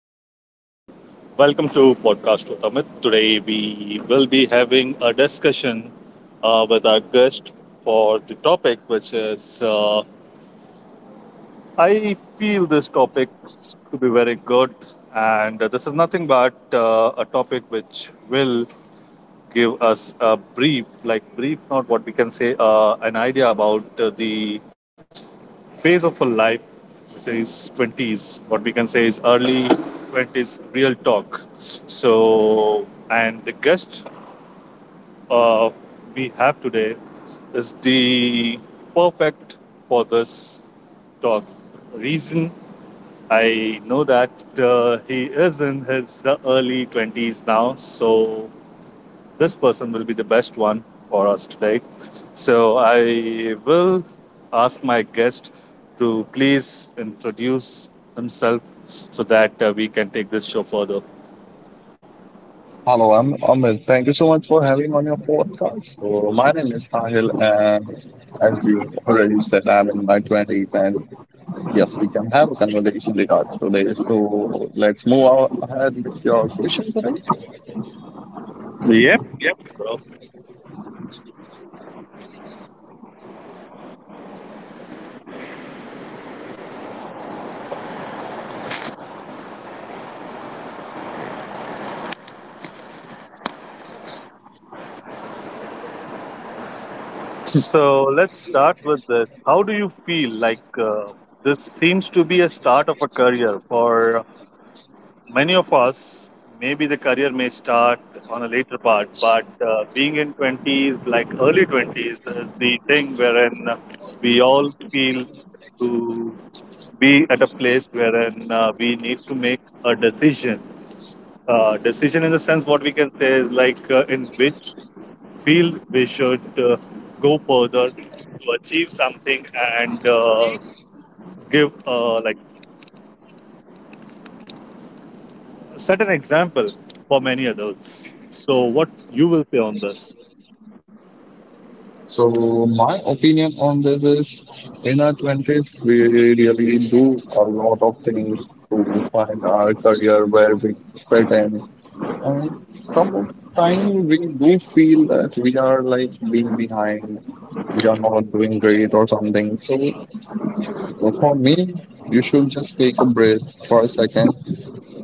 Welcome to Podcast with Amit. Today we will be having a discussion with our guest for the topic, which is I feel this topic to be very good, and this is nothing but a topic which will give us a brief, like brief, not what we can say, an idea about the phase of a life, which is 20s, what we can say is early 20s real talk. So, and the guest uh, we have today is the perfect for this talk. Reason I know that he is in his early 20s now, so this person will be the best one for us today. So I will ask my guest to please introduce himself so that we can take this show further. Hello, I'm Amit. Thank you so much for having on your podcast. So my name is Sahil, and as you already said, I'm in my twenties, and yes, we can have a conversation regards today. So let's move on ahead with your questions, right? Yep, yep, bro. So let's start with this. How do you feel like this seems to be a start of a career for many of us, maybe the career may start on a later part, but being in 20s, like early 20s, is the thing wherein we all feel to be at a place wherein we need to make a decision. Decision in the sense what we can say is like in which field we should go further to achieve something and give like set an example for many others. So, what you will say on this? So my opinion on this is, in our twenties, we really do a lot of things to find our career where we fit in, and sometimes we do feel that we are like being behind, we are not doing great or something. So for me, you should just take a breath for a second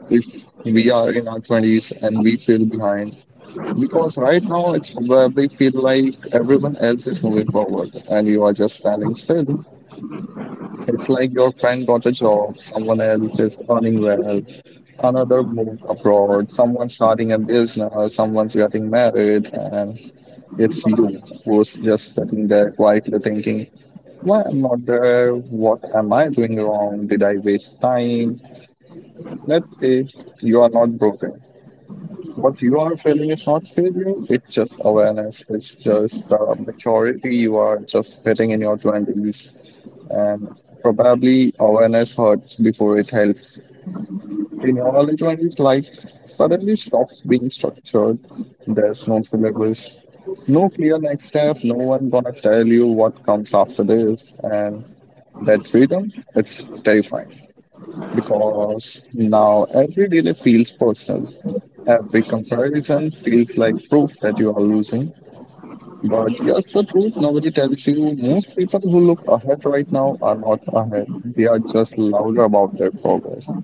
if we are in our 20s and we feel behind. Because right now it's probably feel like everyone else is moving forward and you are just standing still. It's like your friend got a job, someone else is earning well, another move abroad, someone starting a business, someone's getting married, and it's you who's just sitting there quietly thinking, why I'm not there? What am I doing wrong? Did I waste time? Let's say you are not broken. What you are feeling is not failure, it's just awareness, it's just maturity. You are just hitting in your 20s, and probably awareness hurts before it helps. In early 20s, life suddenly stops being structured. There's no syllabus, no clear next step, no one gonna tell you what comes after this. And that freedom, it's terrifying because now every delay feels personal. Every comparison feels like proof that you are losing. But here's the truth nobody tells you. Most people who look ahead right now are not ahead, they are just louder about their progress.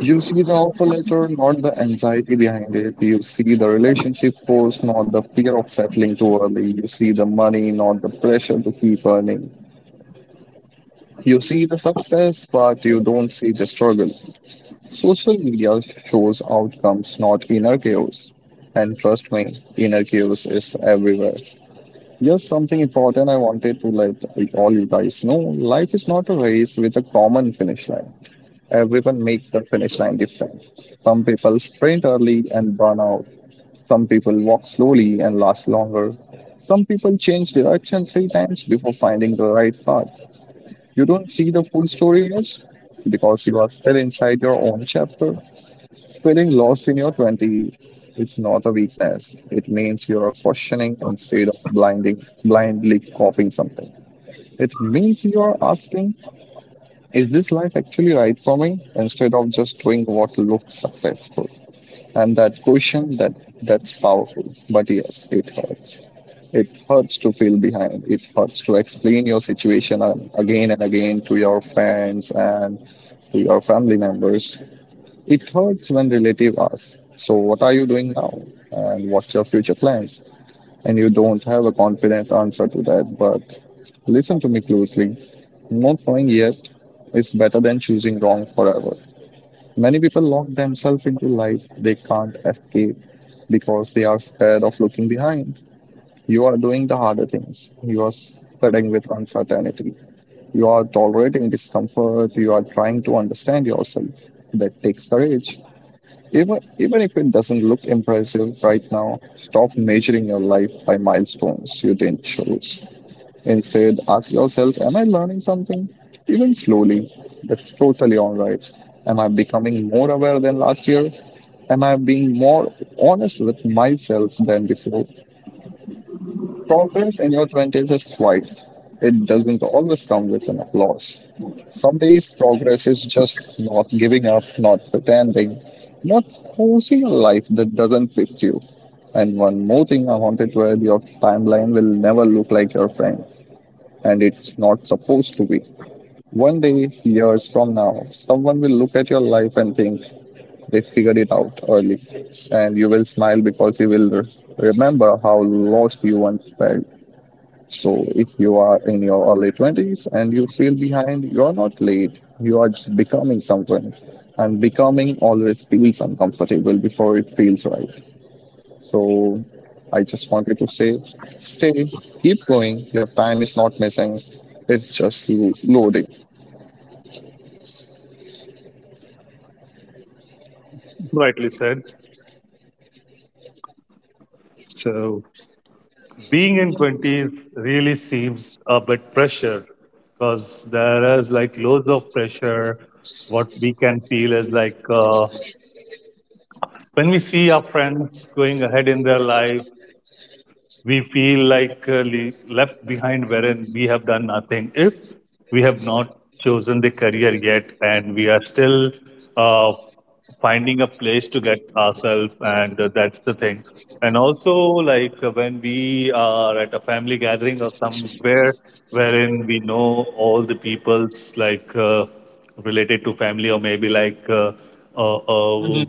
You see the offer letter, not the anxiety behind it. You see the relationship force, not the fear of settling too early. You see the money, not the pressure to keep earning. You see the success, but you don't see the struggle. Social media shows outcomes, not inner chaos. And trust me, inner chaos is everywhere. Here's something important I wanted to let all you guys know life is not a race with a common finish line. Everyone makes the finish line different. Some people sprint early and burn out. Some people walk slowly and last longer. Some people change direction three times before finding the right path. You don't see the full story yet because you are still inside your own chapter. Feeling lost in your 20s is not a weakness. It means you are questioning instead of blindly copying something. It means you are asking is this life actually right for me? Instead of just doing what looks successful. And that question that's powerful. But yes, it hurts. It hurts to feel behind. It hurts to explain your situation again and again to your friends and to your family members. It hurts when relatives ask, so, what are you doing now? And what's your future plans? And you don't have a confident answer to that. But listen to me closely. Not knowing yet is better than choosing wrong forever. Many people lock themselves into life they can't escape because they are scared of looking behind. You are doing the harder things. You are sitting with uncertainty. You are tolerating discomfort. You are trying to understand yourself. That takes courage. Even if it doesn't look impressive right now, stop measuring your life by milestones you didn't choose. Instead, ask yourself, am I learning something? Even slowly, that's totally alright. Am I becoming more aware than last year? Am I being more honest with myself than before? Progress in your 20s is quiet. It doesn't always come with an applause. Some days progress is just not giving up, not pretending, not forcing a life that doesn't fit you. And one more thing I wanted to add your timeline will never look like your friends, and it's not supposed to be. One day, years from now, someone will look at your life and think they figured it out early, and you will smile because you will remember how lost you once felt. So if you are in your early 20s and you feel behind, you're not late. You are just becoming someone. And becoming always feels uncomfortable before it feels right. So I just wanted to say stay, keep going. Your time is not missing, it's just loading. Rightly said. So being in 20s really seems a bit pressure because there is like loads of pressure. What we can feel is like when we see our friends going ahead in their life, we feel like left behind wherein we have done nothing if we have not chosen the career yet and we are still uh, finding a place to get ourselves and that's the thing. And also like when we are at a family gathering or somewhere wherein we know all the people's like related to family or maybe like uh, uh,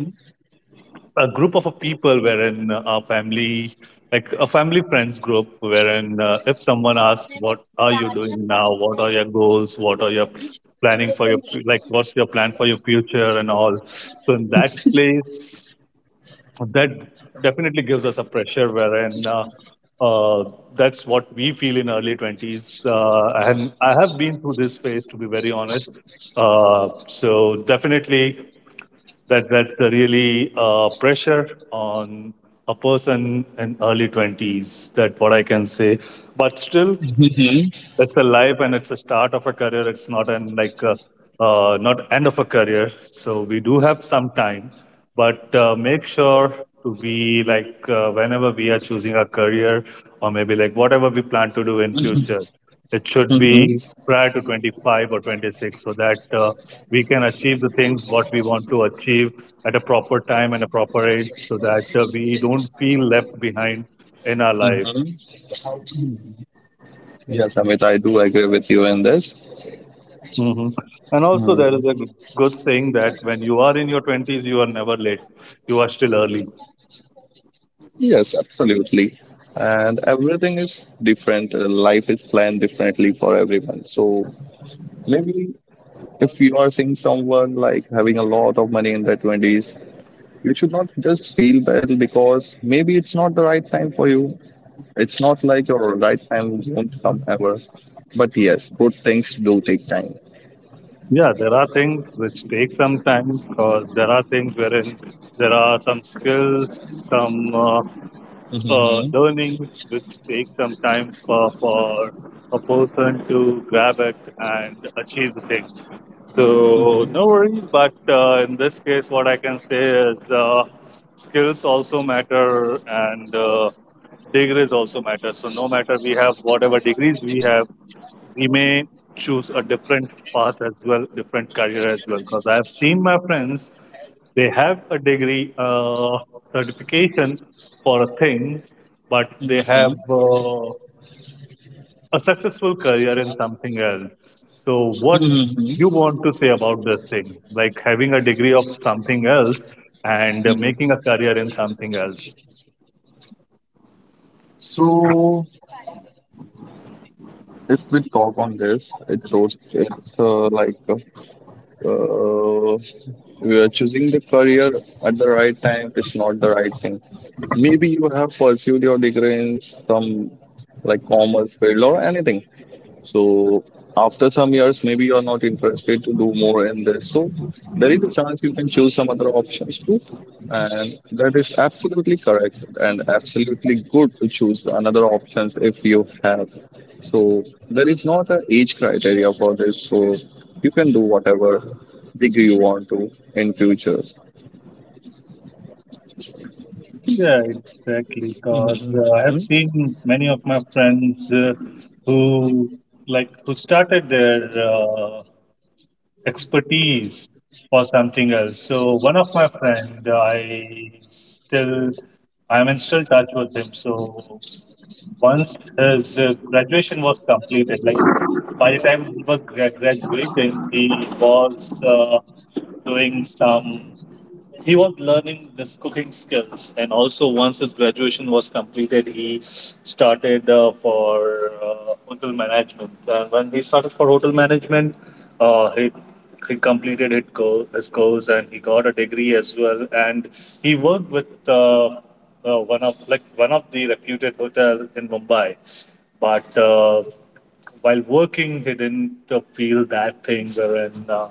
a group of people wherein a family, like a family friends group, wherein if someone asks, "What are you doing now? What are your goals? What are your planning for your like? What's your plan for your future and all?" So in that place, that definitely gives us a pressure wherein. Uh, that's what we feel in early 20s and I have been through this phase, to be very honest. So definitely that's the really pressure on a person in early 20s, that what I can say. But still, it's a life and it's a start of a career, it's not an like not end of a career, so we do have some time. But make sure to be like whenever we are choosing a career or maybe like whatever we plan to do in future, it should be Mm-hmm. prior to 25 or 26, so that we can achieve the things what we want to achieve at a proper time and a proper age, so that we don't feel left behind in our life. Mm-hmm. Yes, Amit, I do agree with you in this. Hmm. And also, there is a Mhm. good saying that when you are in your 20s, you are never late. You are still early. Yes, absolutely. And everything is different. Life is planned differently for everyone. So maybe if you are seeing someone like having a lot of money in their 20s, you should not just feel bad because maybe it's not the right time for you. It's not like your right time won't come ever, but yes, good things do take time. Yeah, there are things which take some time, or there are things wherein there are some skills, some Mhm, learnings which take some time for a person to grab it and achieve the thing. So mhm, no worries, but in this case, what I can say is skills also matter and degrees also matter. So no matter we have whatever degrees we have, we may choose a different path as well, different career as well. Because I've seen my friends, they have a degree certification for a thing, but they mhm, have a successful career in something else. So, what mhm, you mhm, want to say about this thing? Like having a degree of something else and making a mhm. career in something else. So if we talk on this it was it's like Uh, we are choosing the career at the right time is not the right thing. Maybe you have pursued your degree in some like commerce field or anything, so after some years, maybe you are not interested to do more in this. So there is a chance you can choose some other options too. And that is absolutely correct and absolutely good to choose another options if you have. So there is not an age criteria for this. So you can do whatever degree you want to in future. Yeah, exactly. Because I have seen many of my friends who like who started their expertise for something else. So one of my friend, I still I'm in still touch with him. So once his graduation was completed, like by the time he was graduating, he was doing some he was learning this cooking skills. And also, once his graduation was completed, he started for hotel management, and when he started for hotel management, he completed his his course, and he got a degree as well, and he worked with one of like one of the reputed hotel in Mumbai. But while working, he didn't feel that thing wherein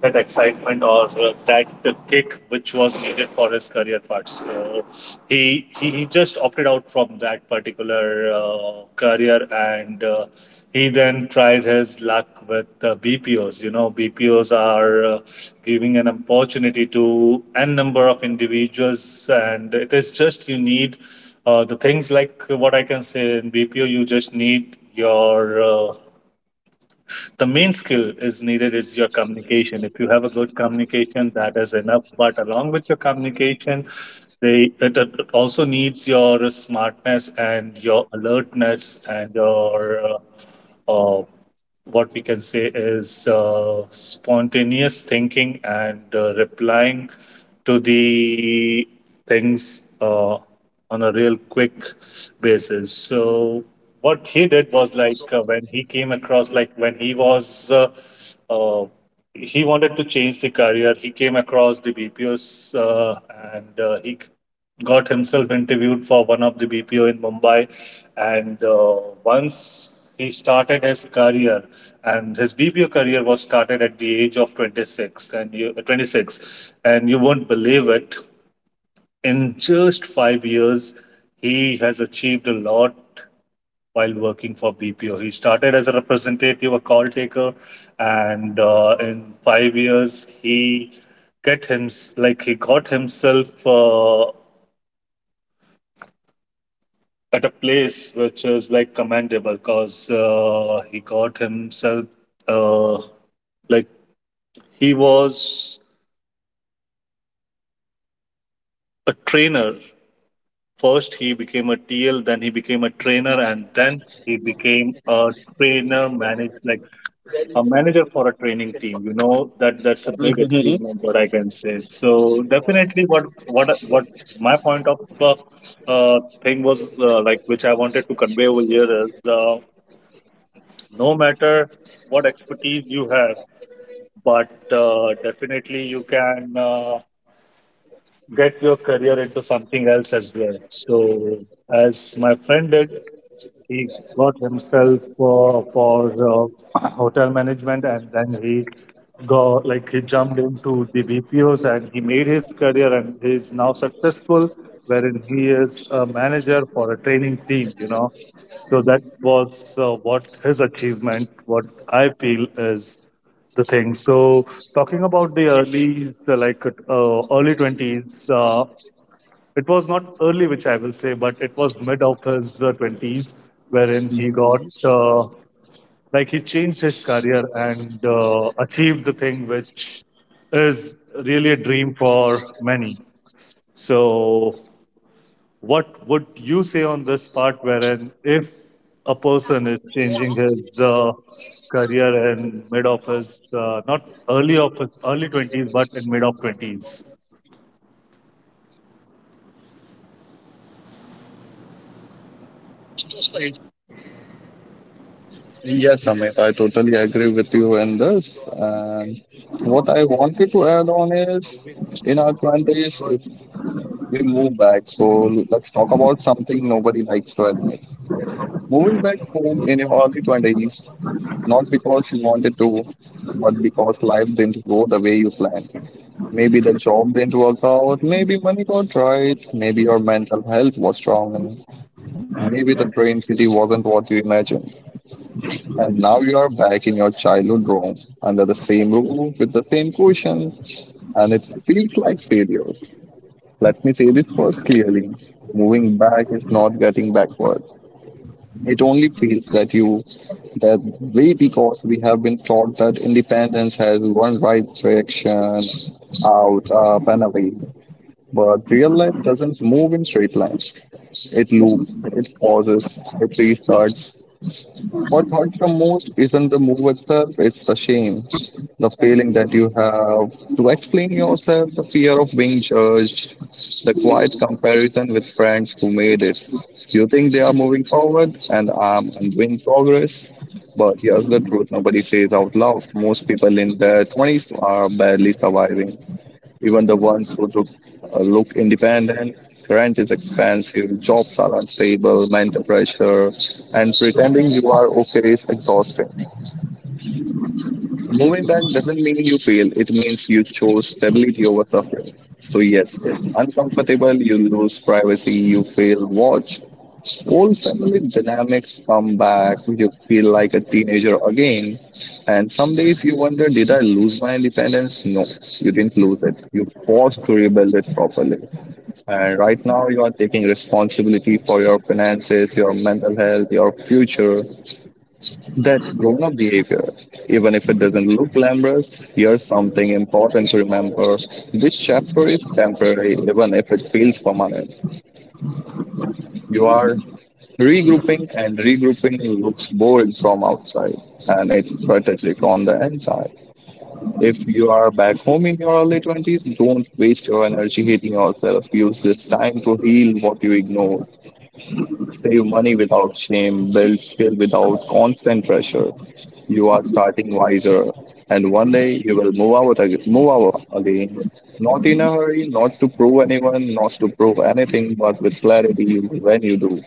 that excitement or that kick which was needed for his career parts. So he just opted out from that particular career, and he then tried his luck with BPOs. You know, BPOs are giving an opportunity to n number of individuals, and it is just you need. The things like what I can say in BPO, you just need your the main skill is needed is your communication. If you have a good communication, that is enough, but along with your communication, they it also needs your smartness and your alertness and your uh, what we can say is spontaneous thinking and replying to the things. On a real quick basis. So what he did was like when he came across, like when he was, uh, he wanted to change the career. He came across the BPOs and he got himself interviewed for one of the BPO in Mumbai. And once he started his career, and his BPO career was started at the age of 26, and you, 26, and you won't believe it, in just 5 years, he has achieved a lot while working for BPO. He started as a representative, a call taker, and in 5 years, he get him like he got himself at a place which is like commendable because he got himself uh, like he was a trainer. First, he became a TL, then he became a trainer, and then he became a trainer manager, like a manager for a training team. You know that that's a big achievement, what I can say. So definitely, what my point of thing was like which I wanted to convey over here is no matter what expertise you have, but definitely you can get your career into something else as well. So as my friend did. He got himself for hotel management, and then he got like he jumped into the BPOs and he made his career, and he is now successful wherein he is a manager for a training team, you know. So that was what his achievement, what I feel is the thing. So talking about the early early 20s, it was not early, which I will say, but it was mid of his 20s, wherein he got, like, he changed his career and achieved the thing which is really a dream for many. So, what would you say on this part, wherein if a person is changing his career in mid of his, not early of his, early 20s, but in mid of 20s? Yes, Amit, I totally agree with you in this. And what I wanted to add on is in our 20s, if we move back, so let's talk about something nobody likes to admit. Moving back home in your early 20s, not because you wanted to, but because life didn't go the way you planned. Maybe the job didn't work out, maybe money got right, maybe your mental health was wrong, and maybe the dream city wasn't what you imagined. And now you are back in your childhood room under the same roof with the same cushions, and it feels like failure. Let me say this first clearly moving back is not getting backward. It only feels that way because we have been taught that independence has one right direction out, up, and away. But real life doesn't move in straight lines. It loops, it pauses, it restarts, what hurts the most isn't the move itself, it's the shame, the feeling that you have to explain yourself, the fear of being judged, the quiet comparison with friends who made it. You think they are moving forward and I'm doing progress, but here's the truth nobody says out loud. Most people in their 20s are barely surviving. Even the ones who look independent, rent is expensive, jobs are unstable, mental pressure, and pretending you are okay is exhausting. Moving back doesn't mean you fail, it means you chose stability over suffering. So, yes, it's uncomfortable, you lose privacy, you fail watch. Old family dynamics come back, you feel like a teenager again. And some days you wonder, did I lose my independence? No, you didn't lose it. You paused to rebuild it properly. And right now, you are taking responsibility for your finances, your mental health, your future. That's grown up behavior. Even if it doesn't look glamorous, here's something important to remember this chapter is temporary, even if it feels permanent. You are regrouping, and regrouping looks boring from outside, and it's strategic on the inside. If you are back home in your early 20s, don't waste your energy hating yourself. Use this time to heal what you ignored. Save money without shame, build skill without constant pressure. You are starting wiser, and one day you will move out, move out again. Not in a hurry, not to prove anyone, not to prove anything, but with clarity when you do.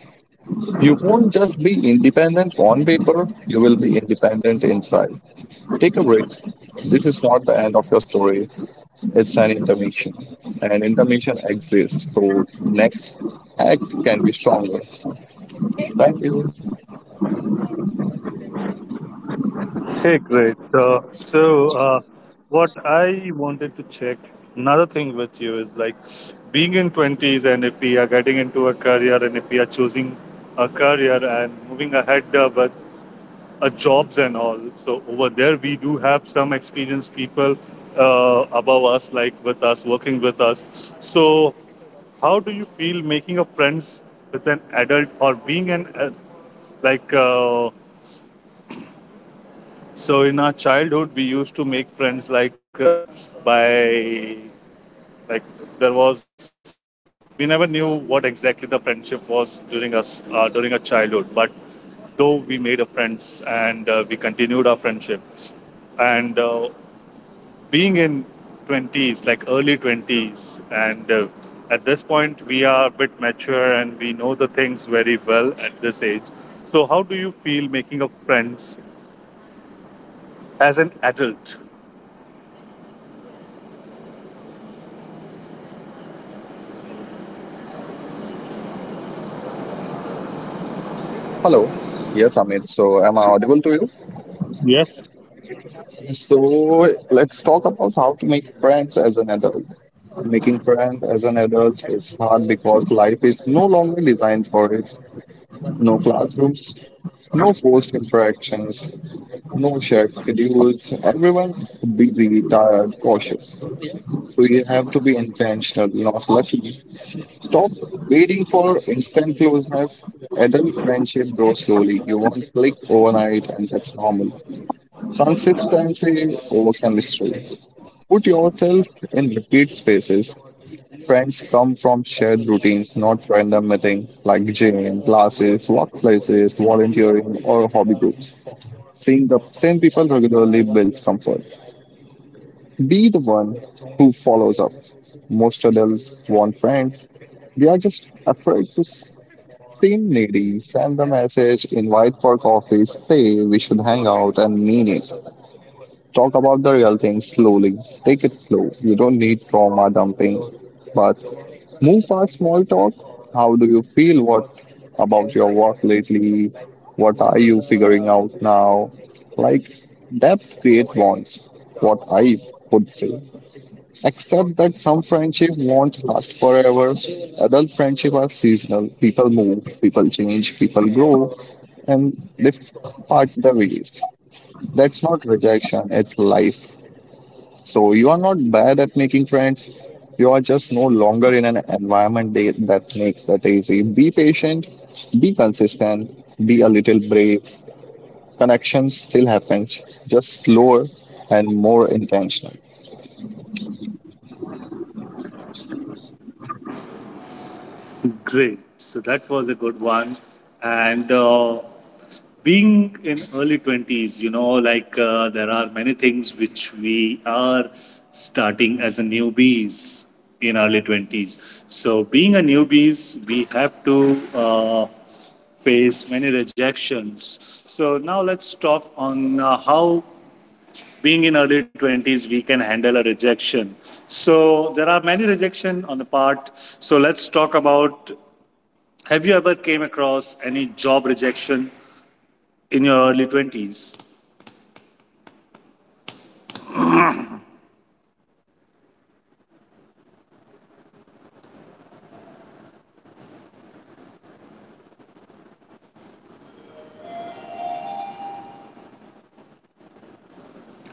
You won't just be independent on paper, you will be independent inside. Take a break. This is not the end of your story, it's an intermission. And intermission exists, so next act can be stronger. Thank you. Hey, great. What I wanted to check another thing with you is like being in 20s, and if we are getting into a career and if we are choosing a career and moving ahead with jobs and all. So, over there, we do have some experienced people above us, like with us, working with us. So, how do you feel making a friends with an adult or being an like uh, so in our childhood, we used to make friends like by like there was we never knew what exactly the friendship was during us during our childhood, but though we made a friends and we continued our friendship, and being in 20s like early 20s, and at this point we are a bit mature and we know the things very well at this age. So how do you feel making a friends as an adult? Hello. Yes, Amit. So, am I audible to Yes. you? So, let's talk about how to make friends as an adult. Making friends as an adult is hard because life is no longer designed for it. No classrooms, no forced interactions, no shared schedules. Everyone's busy, tired, cautious. So, you have to be intentional, not lucky. Stop waiting for instant closeness. Adult friendship grows slowly. You won't click overnight, and that's normal. Consistency over chemistry. Put yourself in repeat spaces. Friends come from shared routines, not random meeting like gym, classes, workplaces, volunteering, or hobby groups. Seeing the same people regularly builds comfort. Be the one who follows up. Most adults want friends. They are just afraid to seem needy, send the message, invite for coffee, say we should hang out and mean it. Talk about the real things slowly. Take it slow. You don't need trauma dumping, but move past small talk. How do you feel? What about your work lately? What are you figuring out now? Like Depth create bonds. What I would say. Except that some friendship won't last forever. Adult friendship are seasonal. People move, people change, people grow, and they part the ways. That's not rejection. It's life. So you are not bad at making friends. You are just no longer in an environment that makes that easy. Be patient, be consistent, be a little brave. Connection still happens, just slower and more intentional. Great. So that was a good one. And being in early 20s, you know, like there are many things which we are starting as a newbies in early 20s. So being a newbies, we have to face many rejections. So now let's talk on how being in early 20s we can handle a rejection. So there are many rejection on the part. So let's talk about, have you ever came across any job rejection in your early 20s?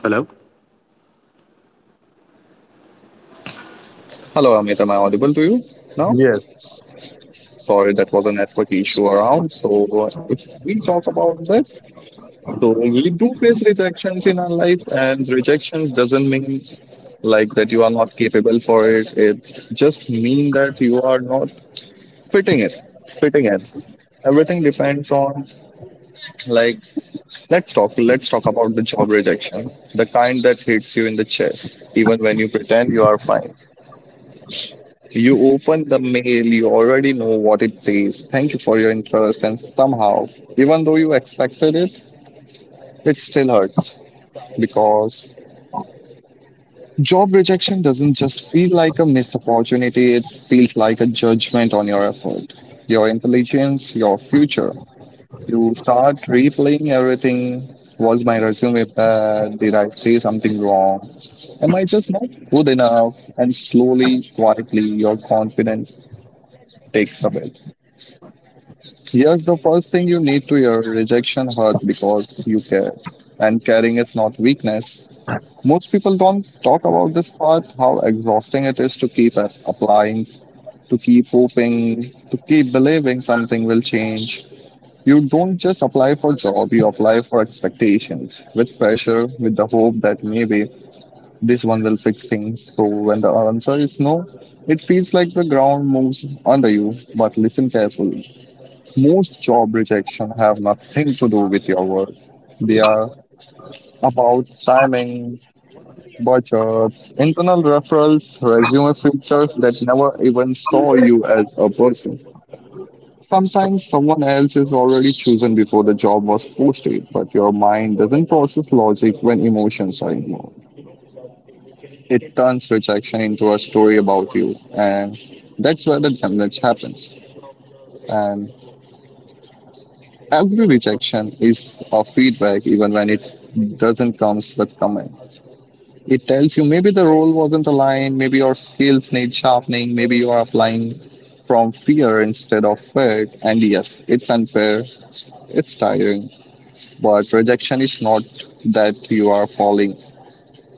Hello? Hello, Amit. Am I audible to you now? Sorry, that was a network issue around. So, if we talk about this, so we do face rejections in our life, and rejection doesn't mean like that you are not capable for it, it just mean that you are not fitting it fitting it. Everything depends on, like, let's talk about the job rejection, the kind that hits you in the chest even when you pretend you are fine. You open the mail, you already know what it says: thank you for your interest, and somehow, even though you expected it, it still hurts. Because job rejection doesn't just feel like a missed opportunity, it feels like a judgment on your effort, your intelligence, your future. You start replaying everything. Was my resume bad? Did I say something wrong? Am I just not good enough? And slowly, quietly, your confidence takes a away. Here's the first thing you need to hear: rejection hurt because you care. And caring is not weakness. Most people don't talk about this part, how exhausting it is to keep at applying, to keep hoping, to keep believing something will change. You don't just apply for job, you apply for expectations, with pressure, with the hope that maybe this one will fix things. So when the answer is no, it feels like the ground moves under you, but listen carefully. Most job rejection have nothing to do with your work. They are about timing, bar charts, internal referrals, resume filters that never even saw you as a person. Sometimes someone else is already chosen before the job was posted, but your mind doesn't process logic when emotions are involved. It turns rejection into a story about you, and that's where the damage happens. And every rejection is a feedback, even when it doesn't comes with comment. It tells you maybe the role wasn't aligned, maybe your skills need sharpening, maybe you are applying from fear instead of fear. And yes, it's unfair, it's tiring, but rejection is not that you are falling,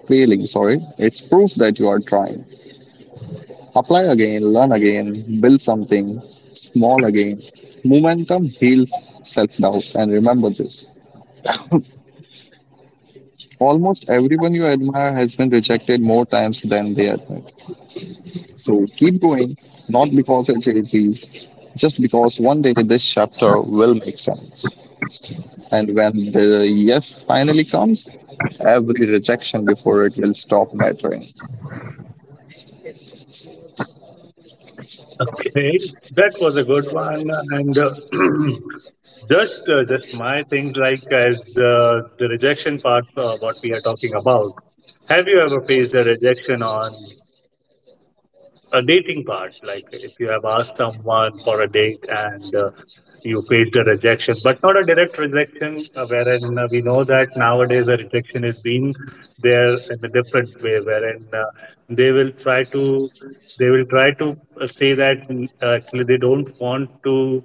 failing, sorry. It's proof that you are trying. Apply again, learn again, build something small again. Momentum heals self doubt, and remember this. Almost everyone you admire has been rejected more times than they admit. So keep going, not because it's easy, just because one day this chapter will make sense. And when the yes finally comes, every rejection before it will stop mattering. Okay, that was a good one. And just my things like as the rejection part, what we are talking about. Have you ever faced a rejection on a dating part, like if you have asked someone for a date and you faced a rejection but not a direct rejection wherein we know that nowadays the rejection is being there in a different way wherein they will try to they will try to say that actually they don't want to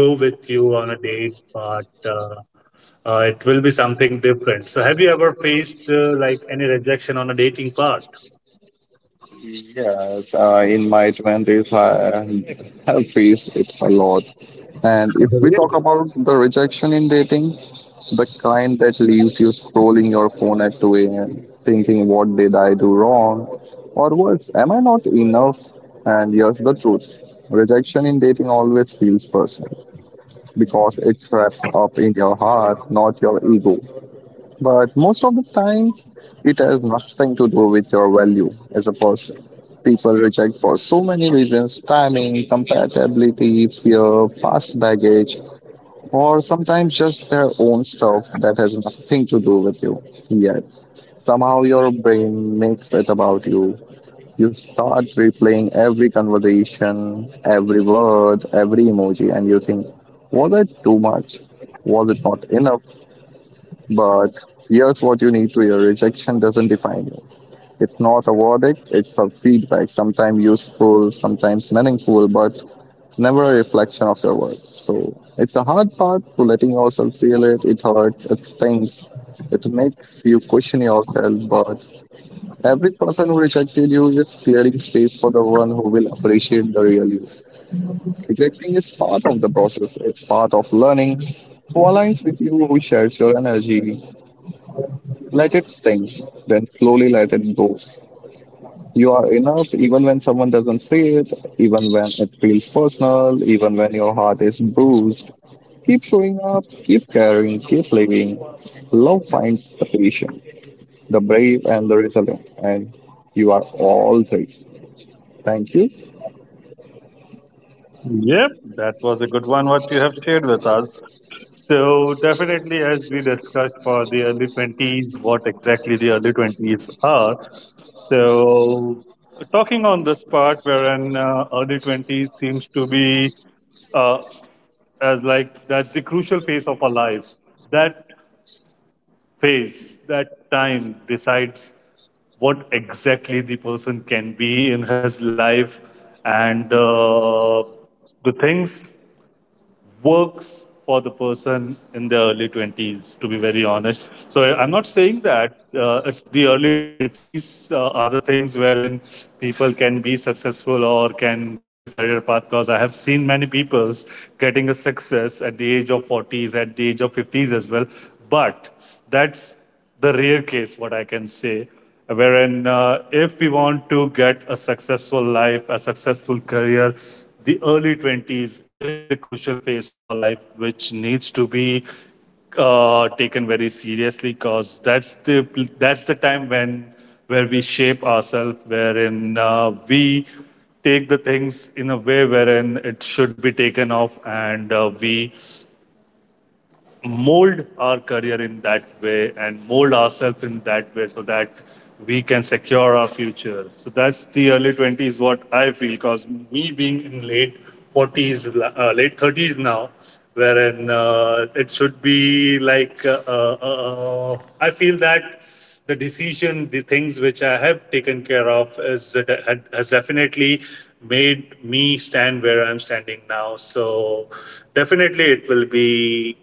go with you on a date, but it will be something different. So have you ever faced like any rejection on a dating part? Yes, in my 20s, I have faced it a lot. And Oh, if we talk really. about the rejection in dating, the kind that leaves you scrolling your phone at 2 a.m., thinking, what did I do wrong? Or worse, am I not enough? And here's the truth: rejection in dating always feels personal because it's wrapped up in your heart, not your ego. But most of the time, it has nothing to do with your value as a person. People reject for so many reasons: timing, compatibility, fear, past baggage, or sometimes just their own stuff that has nothing to do with you. Yet, somehow your brain makes it about you. You start replaying every conversation, every word, every emoji, and you think, was it too much? Was it not enough? But here's what you need to hear: rejection doesn't define you. It's not a verdict, it's a feedback, sometimes useful, sometimes meaningful, but never a reflection of your worth. So it's a hard part to letting yourself feel it. It hurts, it stings, it makes you question yourself. But every person who rejected you is clearing space for the one who will appreciate the real you. Rejecting is part of the process, it's part of learning. Who aligns with you, who shares your energy. Let it sink, then slowly let it go. You are enough even when someone doesn't see it, even when it feels personal, even when your heart is bruised. Keep showing up, keep caring, keep living. Love finds the patient, the brave, and the resilient. And you are all three. Thank you. Yep, that was a good one what you have shared with us. So definitely as we discussed for the early 20s, what exactly the early 20s are. So talking on this part wherein early 20s seems to be uh, as like that's the crucial phase of our life. That phase, that time decides what exactly the person can be in his life and the things works for the person in their early 20s, to be very honest. So I- am not saying that it's the early 20s are the things wherein people can be successful or can choose a career path, because I have seen many people getting a success at the age of 40s, at the age of 50s as well. But that's the rare case, what I can say, wherein if we want to get a successful life, a successful career, the early 20s is the crucial phase of our life, which needs to be taken very seriously because that's the time when where we shape ourselves, wherein we take the things in a way wherein it should be taken off, and we mold our career in that way and mold ourselves in that way so that we can secure our future. So that's the early 20s, what I feel, because me being in late 40s, uh, late 30s now, wherein it should be like, I feel that the decision, the things which I have taken care of is, has definitely made me stand where I'm standing now. So definitely it will be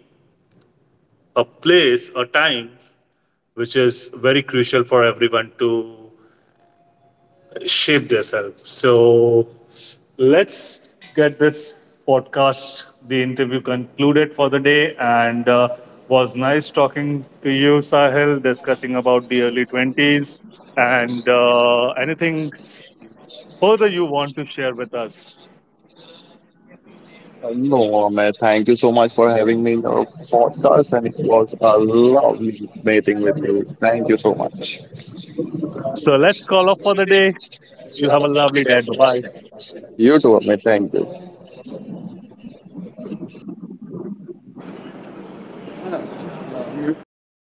a place, a time, which is very crucial for everyone to shape themselves. So let's get this podcast, the interview concluded for the day, and was nice talking to you, Sahil, discussing about the early 20s and anything further you want to share with us. No, Amit, thank you so much for having me in your podcast, and it was a lovely meeting with you. Thank you so much. So let's call off for the day. You have a lovely day. Bye You too, Amit. Thank you. bye.